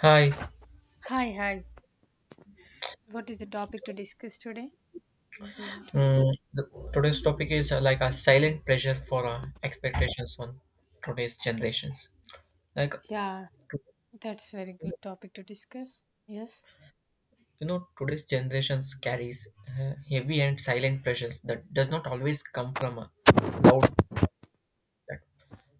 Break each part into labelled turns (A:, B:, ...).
A: Hi.
B: Hi, hi. What is the topic to discuss today? Going to...
A: Mm, the, Today's topic is like a silent pressure for expectations on today's generations. Like
B: Yeah, that's very good topic to discuss. Yes.
A: Today's generations carries heavy and silent pressures that does not always come from a loud, feedback,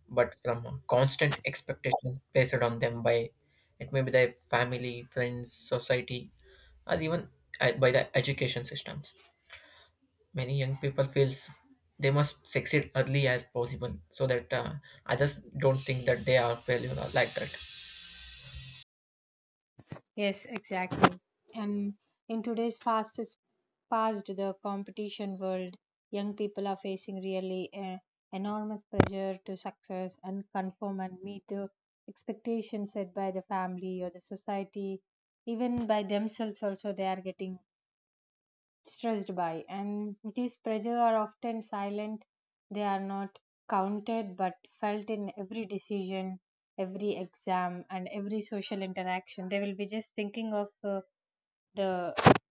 A: but from a constant expectations placed on them by it may be their family, friends, society, or even by the education systems. Many young people feels they must succeed early as possible so that others don't think that they are failure or like that.
B: Yes, exactly. And in today's fastest past the competition world, young people are facing really enormous pressure to success and conform and meet the expectations set by the family or the society, even by themselves also they are getting stressed by, and these pressure are often silent, they are not counted but felt in every decision, every exam, and every social interaction. They will be just thinking of the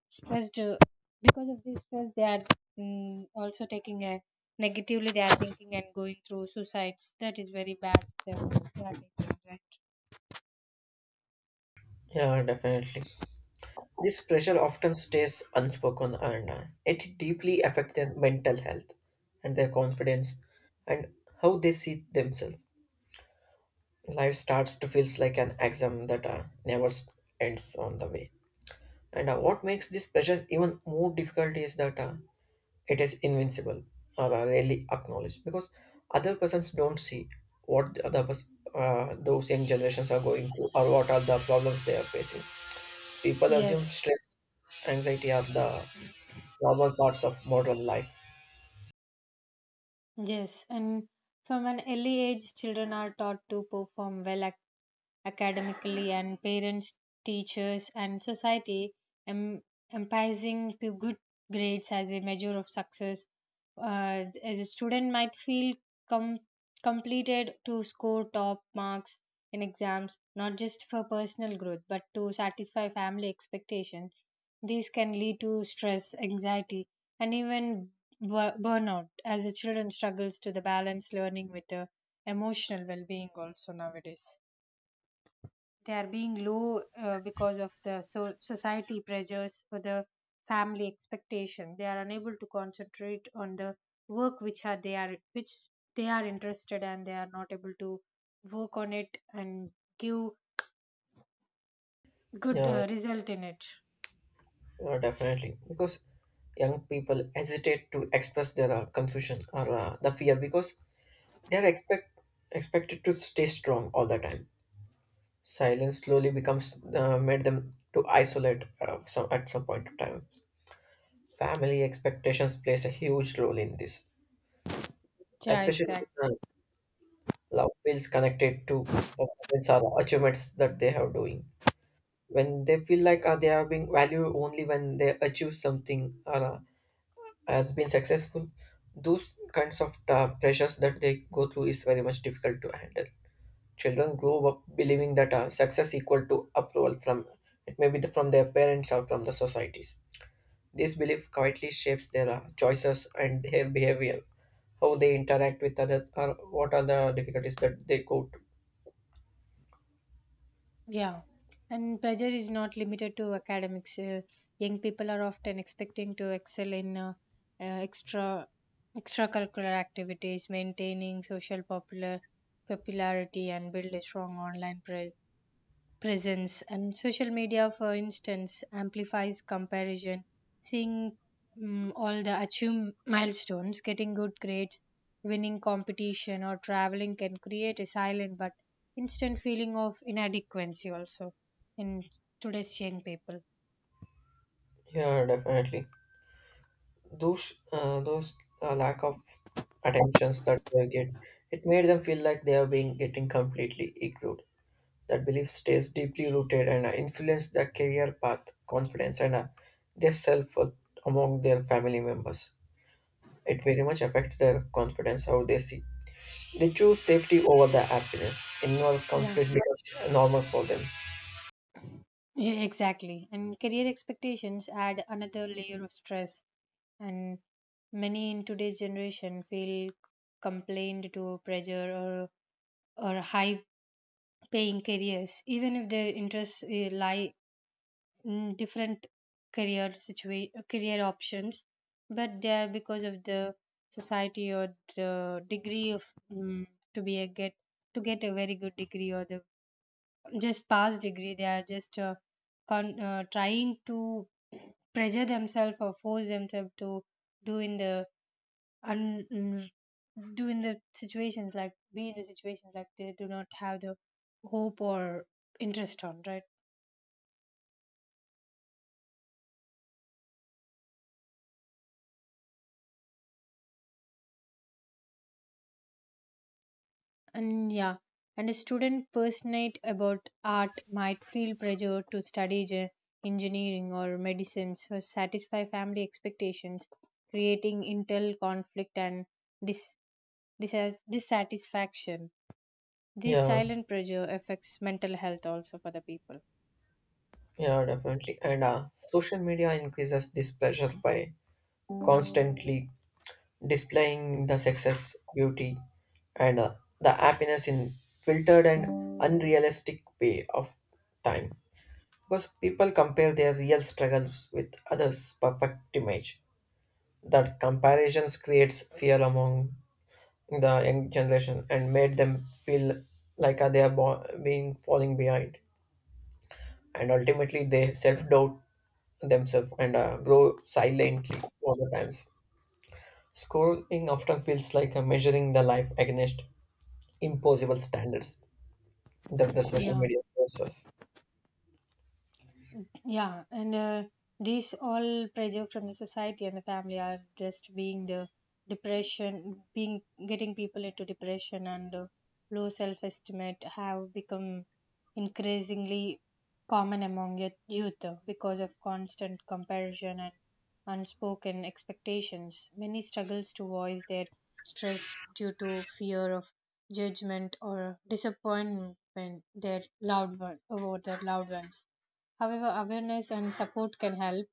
B: stressed. Because of this stress they are, also taking a negatively, they are thinking and going through suicides. That is very bad, they are taking that.
A: Yeah, definitely. This pressure often stays unspoken and it deeply affects their mental health and their confidence and how they see themselves. Life starts to feel like an exam that never s- ends on the way. And what makes this pressure even more difficult is that it is invincible or are rarely acknowledged because other persons don't see what the other pers- those young generations are going through or what are the problems they are facing. People assume
B: Yes,
A: stress, anxiety are the normal parts of modern life.
B: yes. And from an early age, children are taught to perform well academically, and parents, teachers, and society, em- emphasizing to good grades as a measure of success. As a student might feel com- completed to score top marks in exams, not just for personal growth, but to satisfy family expectations. These can lead to stress, anxiety, and even burnout as the children struggles to the balance learning with the emotional well-being. Also nowadays they are being low because of the society pressures. For the family expectation they are unable to concentrate on the work which are they are, which they are interested, and they are not able to work on it and give good
A: Yeah,
B: result in it.
A: yeah, definitely. Because young people hesitate to express their confusion or the fear because they are expected to stay strong all the time. Silence slowly becomes made them to isolate some at some point of time. Family expectations plays a huge role in this,
B: Yeah,
A: especially
B: exactly.
A: when love feels connected to performance or achievements that they are doing. When they feel like they are being valued only when they achieve something or has been successful, those kinds of pressures that they go through is very much difficult to handle. Children grow up believing that success equal to approval from it may be the, from their parents or from the societies. This belief quietly shapes their choices and their behavior, how they interact with others, or what are the difficulties that they go to.
B: Yeah, and pressure is not limited to academics. Young people are often expecting to excel in uh, extra extracurricular activities, maintaining social popularity, and build a strong online presence, and social media for instance amplifies comparison. Seeing all the achieve milestones, getting good grades, winning competition, or traveling can create a silent but instant feeling of inadequacy also in today's young people.
A: Yeah, definitely. Those lack of attentions that they get, it made them feel like they are being getting completely ignored. That belief stays deeply rooted and influence their career path, confidence, and their self worth among their family members. It very much affects their confidence, how they see. They choose safety over their happiness. Involved
B: Yeah,
A: conflict becomes normal for them.
B: yeah, exactly. And career expectations add another layer of stress, and many in today's generation feel complained to pressure, or high paying careers, even if their interests lie in different career options. But they are, because of the society, or the degree of, mm to be a get to get a very good degree or the just pass degree. They are just trying to pressure themselves or force themselves to do in the, and mm, do in the situations like be in the situations like they do not have the hope or interest on, right? And yeah, and a student passionate about art might feel pressure to study engineering or medicine or satisfy family expectations, creating internal conflict and dis- dissatisfaction. This
A: Yeah,
B: silent pressure affects mental health also for the people.
A: yeah, definitely. And social media increases these pleasures by constantly displaying the success, beauty, and the happiness in filtered and unrealistic way of time. Because people compare their real struggles with others' perfect image. That comparisons creates fear among the young generation and made them feel like being falling behind and ultimately they self-doubt themselves and grow silently all the times. Schooling often feels like measuring the life against impossible standards that the social
B: Yeah.
A: media shows us.
B: Yeah, and these all pressure from the society and the family are just being the depression, being getting people into depression. And low self-estimate have become increasingly common among youth because of constant comparison and unspoken expectations. Many struggles to voice their stress due to fear of judgment or disappointment their loved one, over their loved ones. However, awareness and support can help.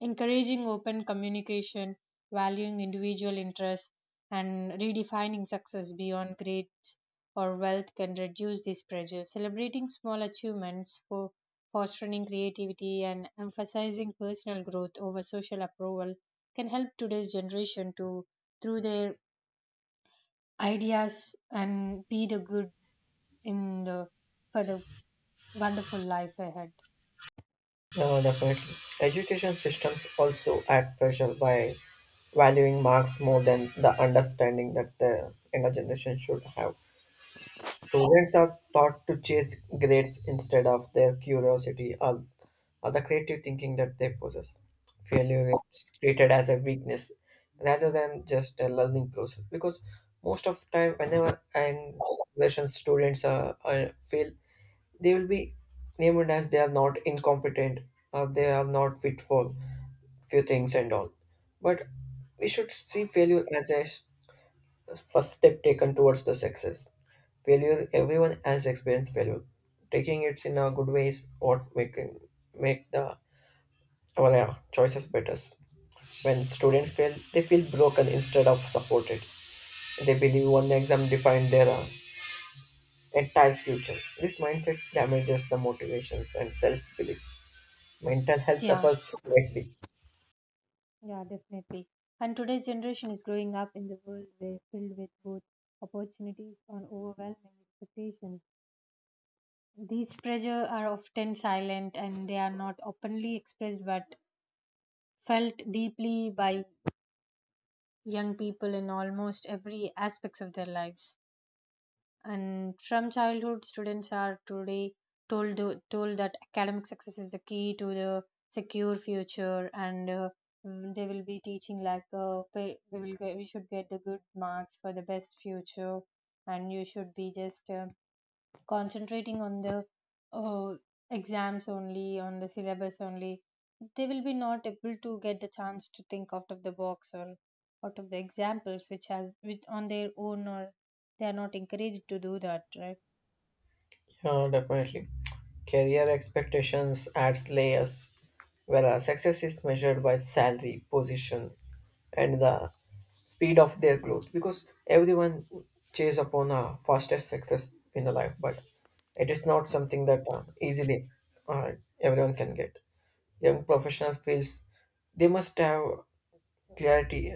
B: Encouraging open communication, valuing individual interests, and redefining success beyond grades or wealth can reduce this pressure. Celebrating small achievements for fostering creativity and emphasizing personal growth over social approval can help today's generation to through their ideas and be the good in the for the wonderful life ahead.
A: Definitely, education systems also add pressure by valuing marks more than the understanding that the younger generation should have. Students are taught to chase grades instead of their curiosity, or the creative thinking that they possess. Failure is treated as a weakness rather than just a learning process because most of the time, whenever and generation students are fail, they will be named as they are not incompetent or they are not fit for few things and all. But we should see failure as the first step taken towards the success. Failure, everyone has experienced failure. Taking it in a good way is what we can make the our choices better. When students fail, they feel broken instead of supported. They believe one exam defined their entire future. This mindset damages the motivations and self-belief. Mental health
B: Yeah.
A: suffers greatly.
B: Yeah, definitely. And today's generation is growing up in the world where filled with both opportunities and overwhelming expectations. These pressures are often silent and they are not openly expressed but felt deeply by young people in almost every aspects of their lives. And from childhood, students are today told that academic success is the key to the secure future. And they will be teaching like we will get, we should get the good marks for the best future, and you should be just concentrating on the uh, exams only, on the syllabus only. They will be not able to get the chance to think out of the box or out of the examples which has which on their own, or they are not encouraged to do that, right?
A: Yeah, definitely. Career expectations adds layers, whereas success is measured by salary, position, and the speed of their growth. Because everyone chase upon a fastest success in the life, but it is not something that easily uh, everyone can get. Young professional feels they must have clarity,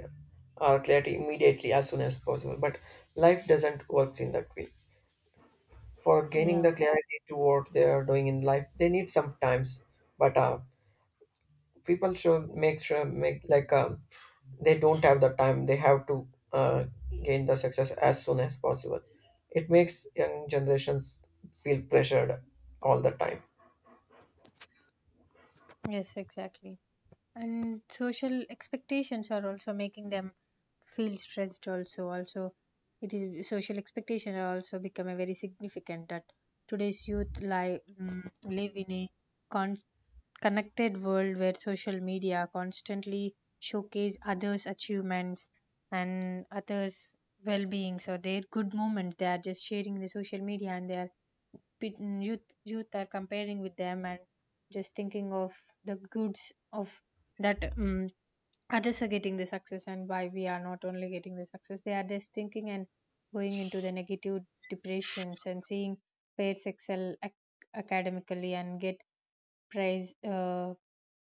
A: clarity immediately as soon as possible. But life doesn't work in that way for gaining the
B: Yeah.
A: clarity to what they are doing in life they need sometimes, but people should make sure make like they don't have the time they have to uh, gain the success as soon as possible. It makes young generations feel pressured all the time.
B: Yes, exactly. And social expectations are also making them feel stressed also. Also, it is social expectation are also become a very significant that today's youth live in a con connected world where social media constantly showcase others achievements and others well-being. So their good moments they are just sharing the social media, and their youth are comparing with them and just thinking of the goods of that. Um, others are getting the success and why we are not only getting the success, they are just thinking and going into the negative depressions, and seeing pairs excel academically and get price,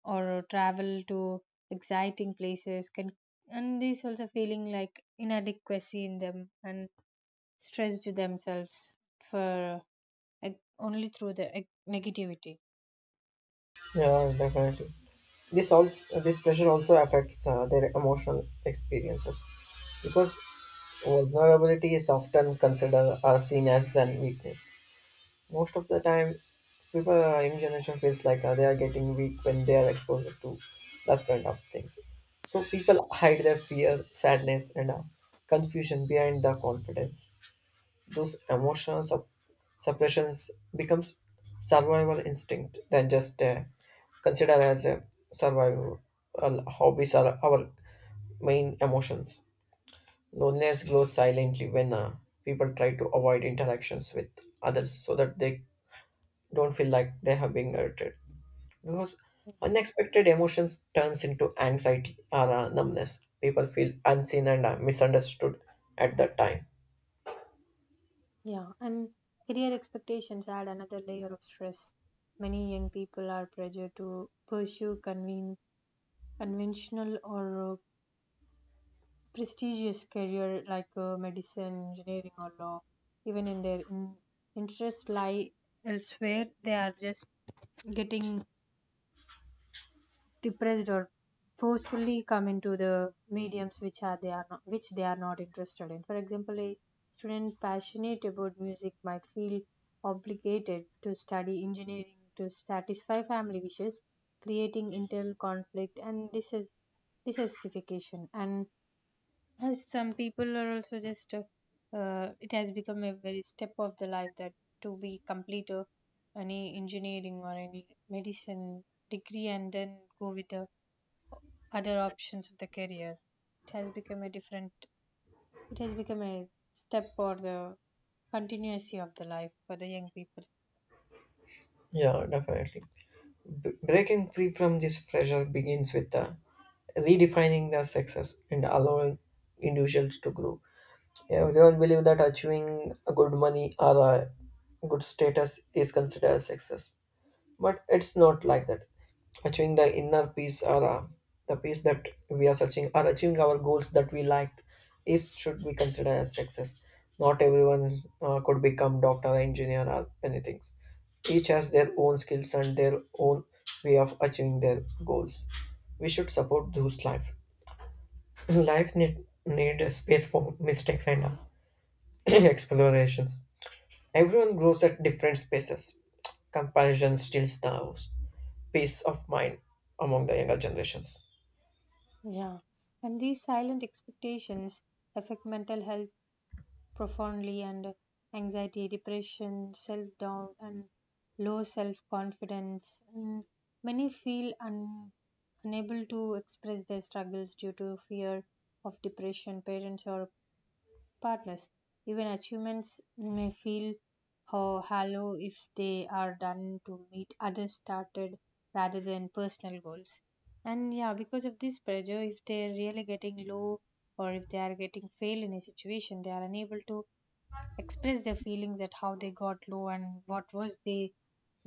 B: or travel to exciting places can, and these also feeling like inadequacy in them and stress to themselves for, like, only through the negativity.
A: Yeah, definitely. This pressure also affects their emotional experiences because vulnerability is often considered seen as an weakness. Most of the time people, young generation feels like they are getting weak when they are exposed to that kind of things. So people hide their fear sadness and confusion behind the confidence. Those suppressions becomes survival instinct than just consider as a survival. Hobbies are our main emotions. Loneliness grows silently when people try to avoid interactions with others so that they don't feel like they have been hurted. Because unexpected emotions turns into anxiety or numbness, people feel unseen and misunderstood at that time.
B: Yeah, and career expectations add another layer of stress. Many young people are pressured to pursue conventional or prestigious career like medicine, engineering, or law, even in their interests lie elsewhere. They are just getting depressed or forcefully come into the mediums which are they are not, which they are not interested in. For example, a student passionate about music might feel obligated to study engineering to satisfy family wishes, creating internal conflict and dissatisfaction. And as some people are also just it has become a very step of the life that to be complete any engineering or any medicine degree and then go with the other options of the career. It has become a different it has become a step or the continuity of the life for the young people.
A: Yeah, definitely. Breaking free from this pressure begins with redefining their success and allowing individuals to grow. Everyone believe that achieving a good money or a good status is considered success, but it's not like that. Achieving the inner peace or the peace that we are searching or achieving our goals that we like is should be considered as success. Not everyone could become doctor engineer or anything. Each has their own skills and their own way of achieving their goals. We should support those life. Life need a space for mistakes and explorations. Everyone grows at different spaces. Comparison steals the house peace of mind among the younger generations.
B: Yeah, and these silent expectations affect mental health profoundly, and anxiety, depression, self doubt, and low self confidence. And many feel unable to express their struggles due to fear of depression, parents, or partners. Even achievements may feel hollow if they are done to meet other started rather than personal goals. And yeah, because of this pressure, if they're really getting low or if they are getting fail in a situation, they are unable to express their feelings at how they got low and what was they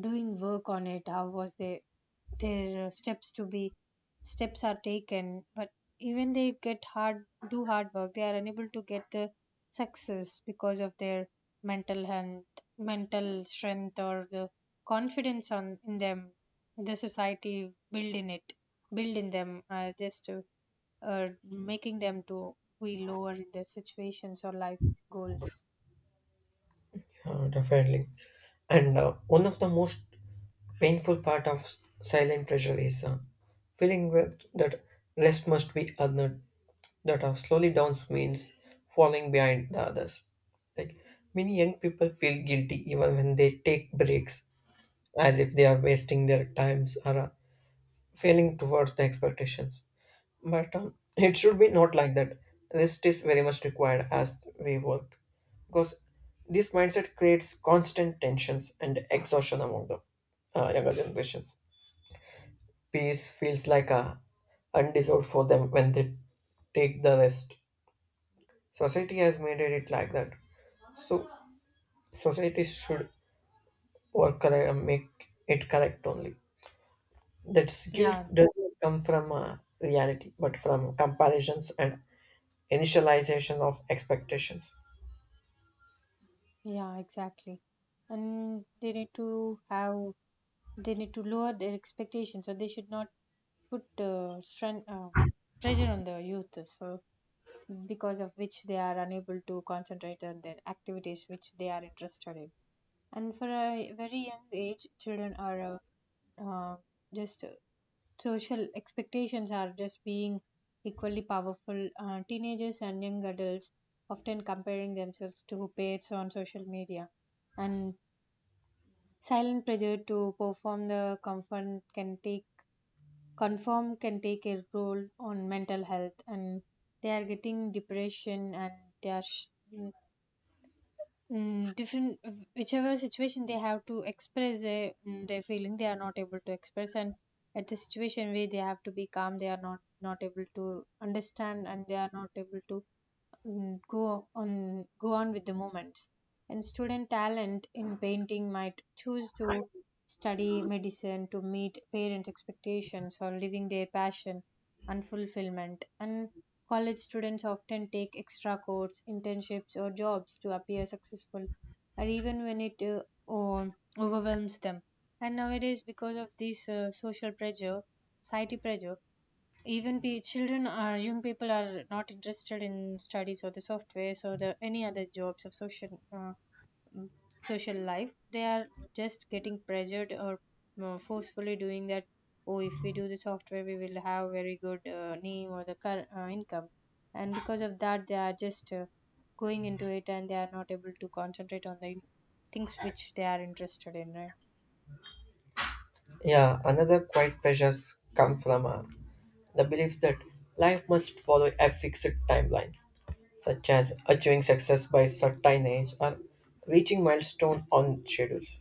B: doing, work on it, how was they, their steps to be, steps are taken, but even they get hard, do hard work, they are unable to get the success because of their mental health, mental strength, or the confidence on in them. The society build in it, build in them, just making them to be lower in their situations or life goals.
A: Definitely. And one of the most painful part of silent pressure is feeling that rest must be earned, that slowly downs means falling behind the others. Like many young people feel guilty even when they take breaks, as if they are wasting their times or failing towards the expectations. But it should be not like that. Rest is very much required as we work because this mindset creates constant tensions and exhaustion among the younger generations. Peace feels like a undeserved for them when they take the rest. Society has made it like that. So society should work correct and make it correct only. That guilt
B: Yeah.
A: doesn't come from reality, but from comparisons and initialization of expectations.
B: Yeah, exactly. And they need to have, they need to lower their expectations, so they should not put strength pressure on the youth, so because of which they are unable to concentrate on their activities which they are interested in. And for a very young age, children are uh, uh, just social expectations are just being equally powerful. Teenagers and young adults often comparing themselves to peers on social media. And silent pressure to perform the confirm can take conform can take a role on mental health, and they are getting depression, and they are mm, different whichever situation they have to express their, their feeling they are not able to express, and at the situation where they have to be calm they are not able to understand, and they are not able to, go on with the moments. And student talent in painting might choose to study medicine to meet parents expectations or living their passion and fulfillment. And college students often take extra courses, internships, or jobs to appear successful, or even when it o- overwhelms them. And nowadays because of this social pressure, society pressure, even pe children are young people are not interested in studies or the software, so the any other jobs of social mm, social life, they are just getting pressured or forcefully doing that. Oh, if we do the software we will have very good name or the car, income, and because of that they are just going into it and they are not able to concentrate on the things which they are interested in, right?
A: Yeah, another quiet pressures come from the belief that life must follow a fixed timeline, such as achieving success by certain age or reaching milestone on schedules.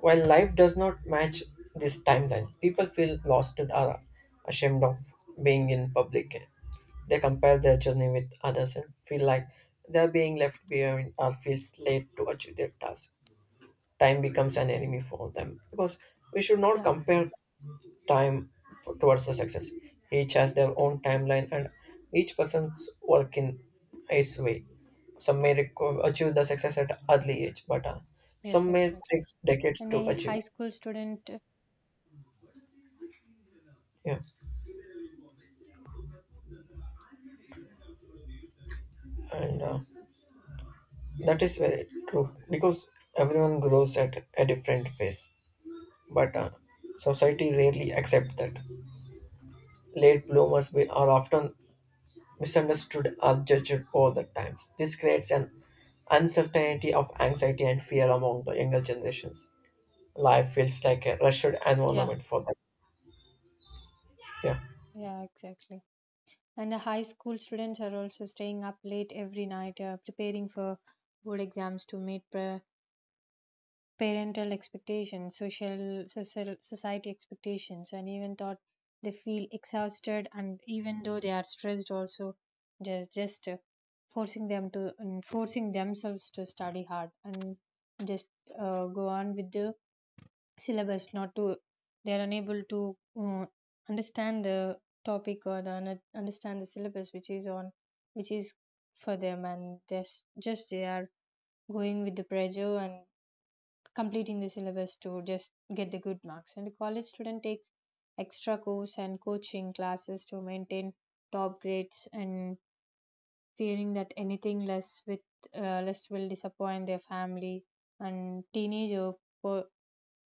A: While life does not match this timeline, people feel lost and are ashamed of being in public. They compare their journey with others and feel like they are being left behind or feel late to achieve their task. Time becomes an enemy for them because we should not
B: Yeah.
A: compare time towards the success. Each has their own timeline and each person's work in his way. Some may achieve the success at early age, but
B: Yes,
A: some may take
B: exactly.
A: decades
B: And
A: to
B: a
A: achieve.
B: high school student.
A: Yeah, and that is very true because everyone grows at a different pace, but society rarely accept that. Late bloomers are often misunderstood or judged all the times. This creates an uncertainty of anxiety and fear among the younger generations. Life feels like a rushed
B: Yeah,
A: environment for them. Yeah,
B: yeah, exactly. And the high school students are also staying up late every night, preparing for board exams to meet parental expectations, social society expectations, and even thought they feel exhausted. And even though they are stressed, also they're just forcing them to and forcing themselves to study hard and just go on with the syllabus, not to, they are unable to understand the topic or the understand the syllabus which is on, which is for them, and there's just they are going with the pressure and completing the syllabus to just get the good marks. And the college student takes extra course and coaching classes to maintain top grades and fearing that anything less with less will disappoint their family. And teenager were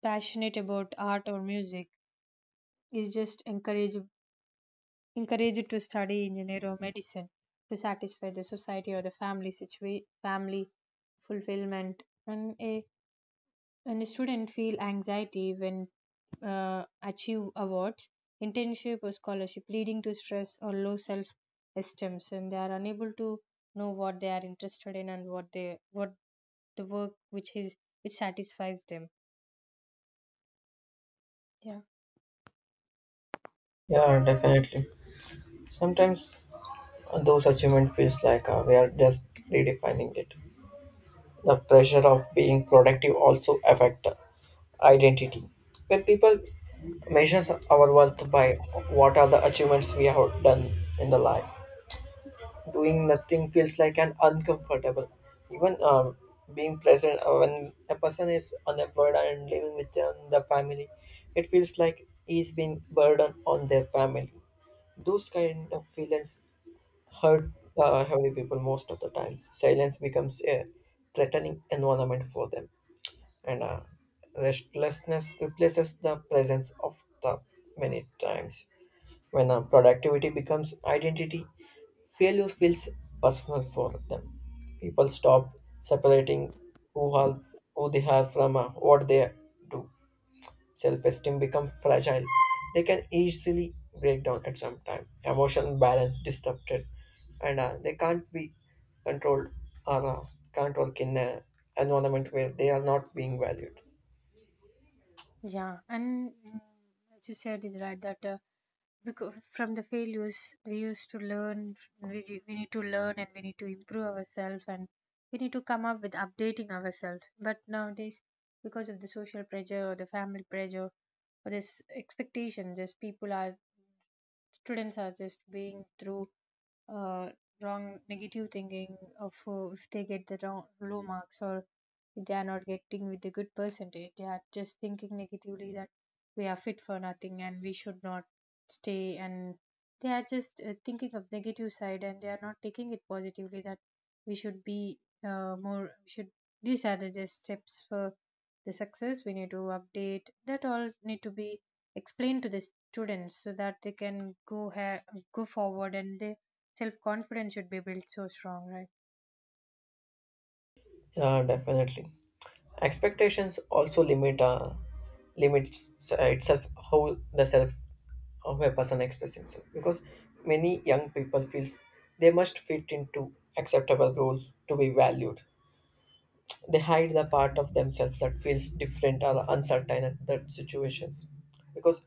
B: passionate about art or music is just encouraged to study engineering or medicine to satisfy the society or the family, family fulfillment. When a, when a student feel anxiety when achieve awards, internship or scholarship, leading to stress or low self esteem, and they are unable to know what they are interested in and what they, what the work which is, which satisfies them. Yeah.
A: yeah, definitely. Sometimes those achievement feels like we are just redefining it. The pressure of being productive also affect identity. When people measures our worth by what are the achievements we have done in the life. Doing nothing feels like an uncomfortable. Even being present when a person is unemployed and living with the family, it feels like he's being burden on their family. Those kind of feelings hurt heavy people most of the times. Silence becomes a threatening environment for them, and restlessness replaces the presence of the many times. When productivity becomes identity, failure feels personal for them. People stop separating who, are, who they are from what they do. Self-esteem becomes fragile. They can easily break down at some time. Emotional balance disrupted, and they can't be controlled or can't work in an environment where they are not being valued.
B: Yeah and as you said is right that, because from the failures we used to learn, we need to learn and we need to improve ourselves and we need to come up with updating ourselves. But nowadays, because of the social pressure or the family pressure or this expectation, just people are, students are just being through uh, wrong negative thinking of, if they get the wrong low marks or if they are not getting with the good percentage, they are just thinking negatively that we are fit for nothing and we should not stay. And they are just thinking of negative side and they are not taking it positively that we should be, more, we should, these are the just steps for the success. We need to update, that all need to be explained to the students so that they can go forward and they self confidence should be built so strong, right?
A: Yeah, definitely. Expectations also limits itself how the self how a person expresses himself because many young people feels they must fit into acceptable roles to be valued. They hide the part of themselves that feels different or uncertain at that situations because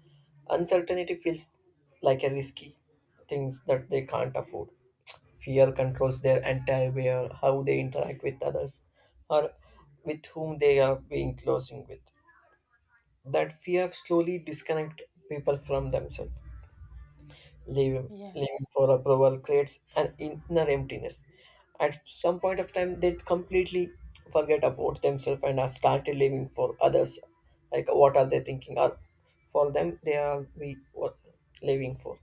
A: uncertainty feels like a risky things that they can't afford. Fear controls their entire way or how they interact with others or with whom they are being closing with. That fear slowly disconnect people from themselves. Living
B: Yes,
A: for approval creates an inner emptiness. At some point of time, they completely forget about themselves and are started living for others. Like what are they thinking? Or for them, they are we what living for.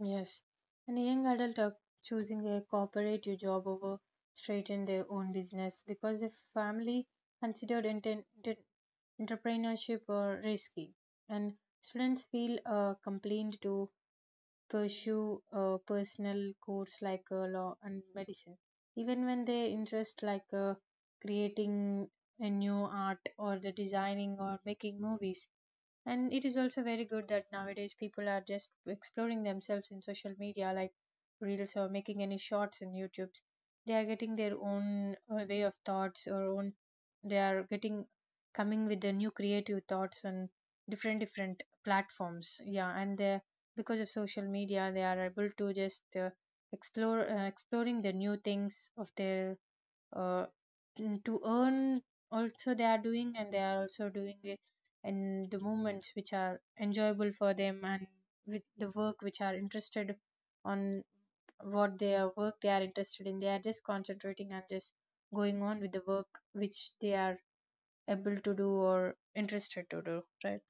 B: yes. And a young adult are choosing a cooperative job over straight in their own business because the family considered enter- entrepreneurship risky, and students feel compelled to pursue a personal course like law and medicine, even when they interest like creating a new art or the designing or making movies. And it is also very good that nowadays people are just exploring themselves in social media like reels or making any shorts in youtube. They are getting their own way of thoughts or own, they are getting, coming with the new creative thoughts on different different platforms, yeah, and they, because of social media, they are able to just explore, exploring the new things of their uh, to earn also they are doing, and they are also doing it in the moments which are enjoyable for them and with the work which are interested on, what their work they are interested in, they are just concentrating and just going on with the work which they are able to do or interested to do, right?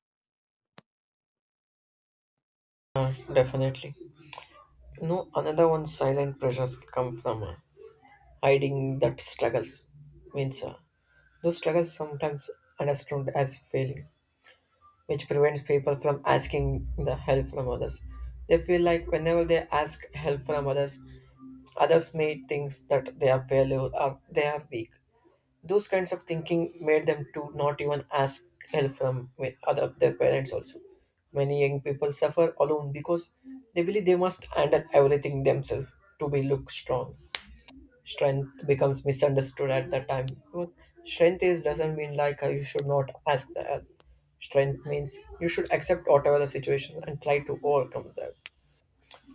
A: Definitely. No, another one silent pressures come from hiding that struggles. Means those struggles sometimes understood as failing, which prevents people from asking the help from others. They feel like whenever they ask help from others, others may think that they are failure or they are weak. Those kinds of thinking made them to not even ask help from other their parents also. Many young people suffer alone because they believe they must handle everything themselves to be look strong. Strength becomes misunderstood at that time. Because strength is doesn't mean like you should not ask the help. Strength means you should accept whatever the situation and try to overcome that.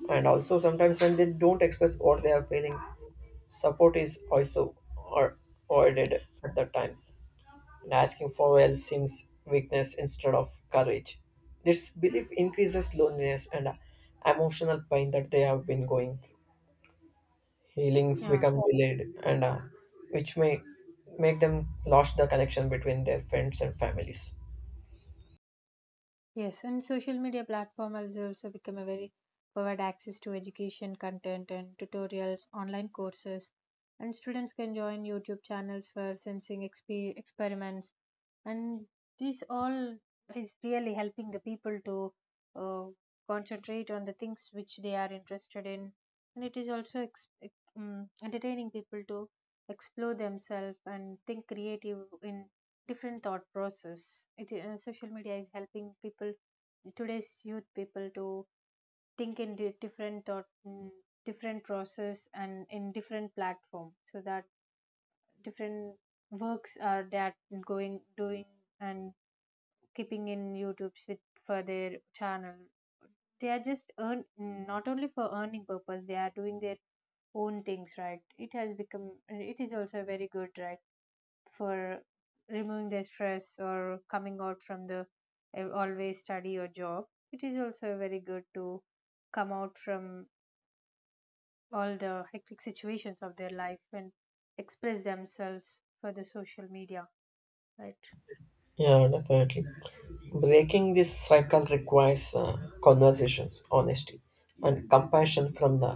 A: And also sometimes when they don't express what they are feeling, support is also or avoided at the times. And asking for help seems weakness instead of courage. This belief increases loneliness and emotional pain that they have been going through. Healings
B: Yeah.
A: become delayed and which may make them lost the connection between their friends and families.
B: Yes, and social media platform has also become a very, provide access to education content and tutorials, online courses, and students can join YouTube channels for sensing experiments, and this all is really helping the people to uh, concentrate on the things which they are interested in. And it is also entertaining people to explore themselves and think creative in different thought process. It social media is helping people, today's youth people, to think in different thought, mm, different process and in different platform so that different works are that going doing and keeping in YouTube's with for their channel. They are just earn, not only for earning purpose. They are doing their own things, right? It has become, it is also very good, right, for removing their stress or coming out from the always study or job. It is also very good to come out from all the hectic situations of their life and express themselves for the social media, right?
A: Yeah, definitely. Breaking this cycle requires conversations honesty and compassion from the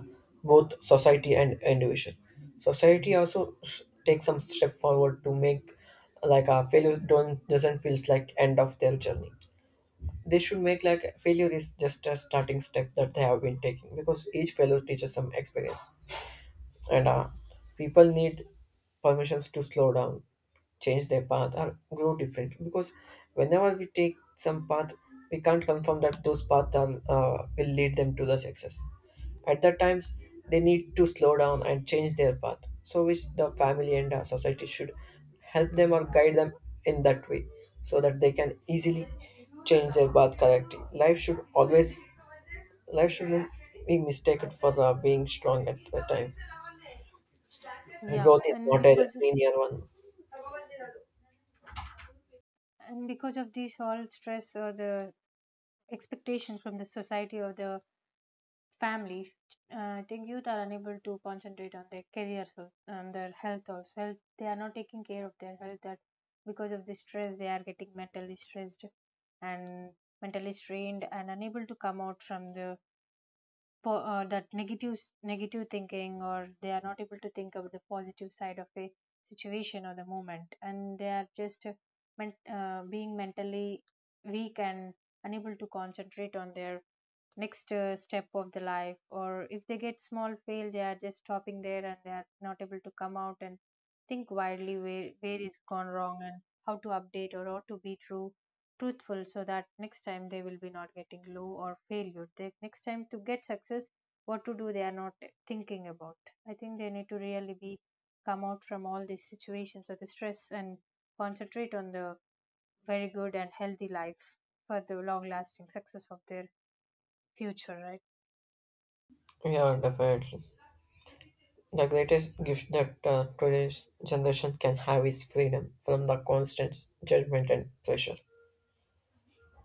A: both society and individual. Society also take some step forward to make like a failure don't doesn't feels like end of their journey. They should make like failure is just a starting step that they have been taking because each failure teaches some experience. And people need permissions to slow down, change their path, and grow different. Because whenever we take some path, we can't confirm that those paths are, will lead them to the success. At that times, they need to slow down and change their path. So, which the family and society should help them or guide them in that way, so that they can easily change their path correctly. Life shouldn't be mistaken for being strong at the time.
B: Yeah,
A: Growth is not a linear one.
B: and because of this all stress or the expectations from the society or the family, I think youth are unable to concentrate on their career and their health also. Health, they are not taking care of their health. That because of the stress, they are getting mentally stressed and mentally strained and unable to come out from the that negative, negative thinking, or they are not able to think about the positive side of a situation or the moment, and they are just being mentally weak and unable to concentrate on their next step of the life. Or if they get small fail, they are just stopping there and they are not able to come out and think widely where is gone wrong and how to update or how to be true truthful, so that next time they will be not getting low or failure, they next time to get success, what to do, they are not thinking about. I think they need to really be come out from all these situations or the stress and concentrate on the very good and healthy life for the long lasting success of their future, right?
A: Yeah, definitely. The greatest gift that today's generation can have is freedom from the constant judgment and pressure.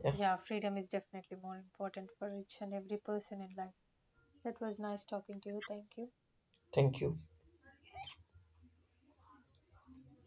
A: Yeah,
B: Yeah, freedom is definitely more important for each and every person in life. That was nice talking to you. Thank you.
A: thank you.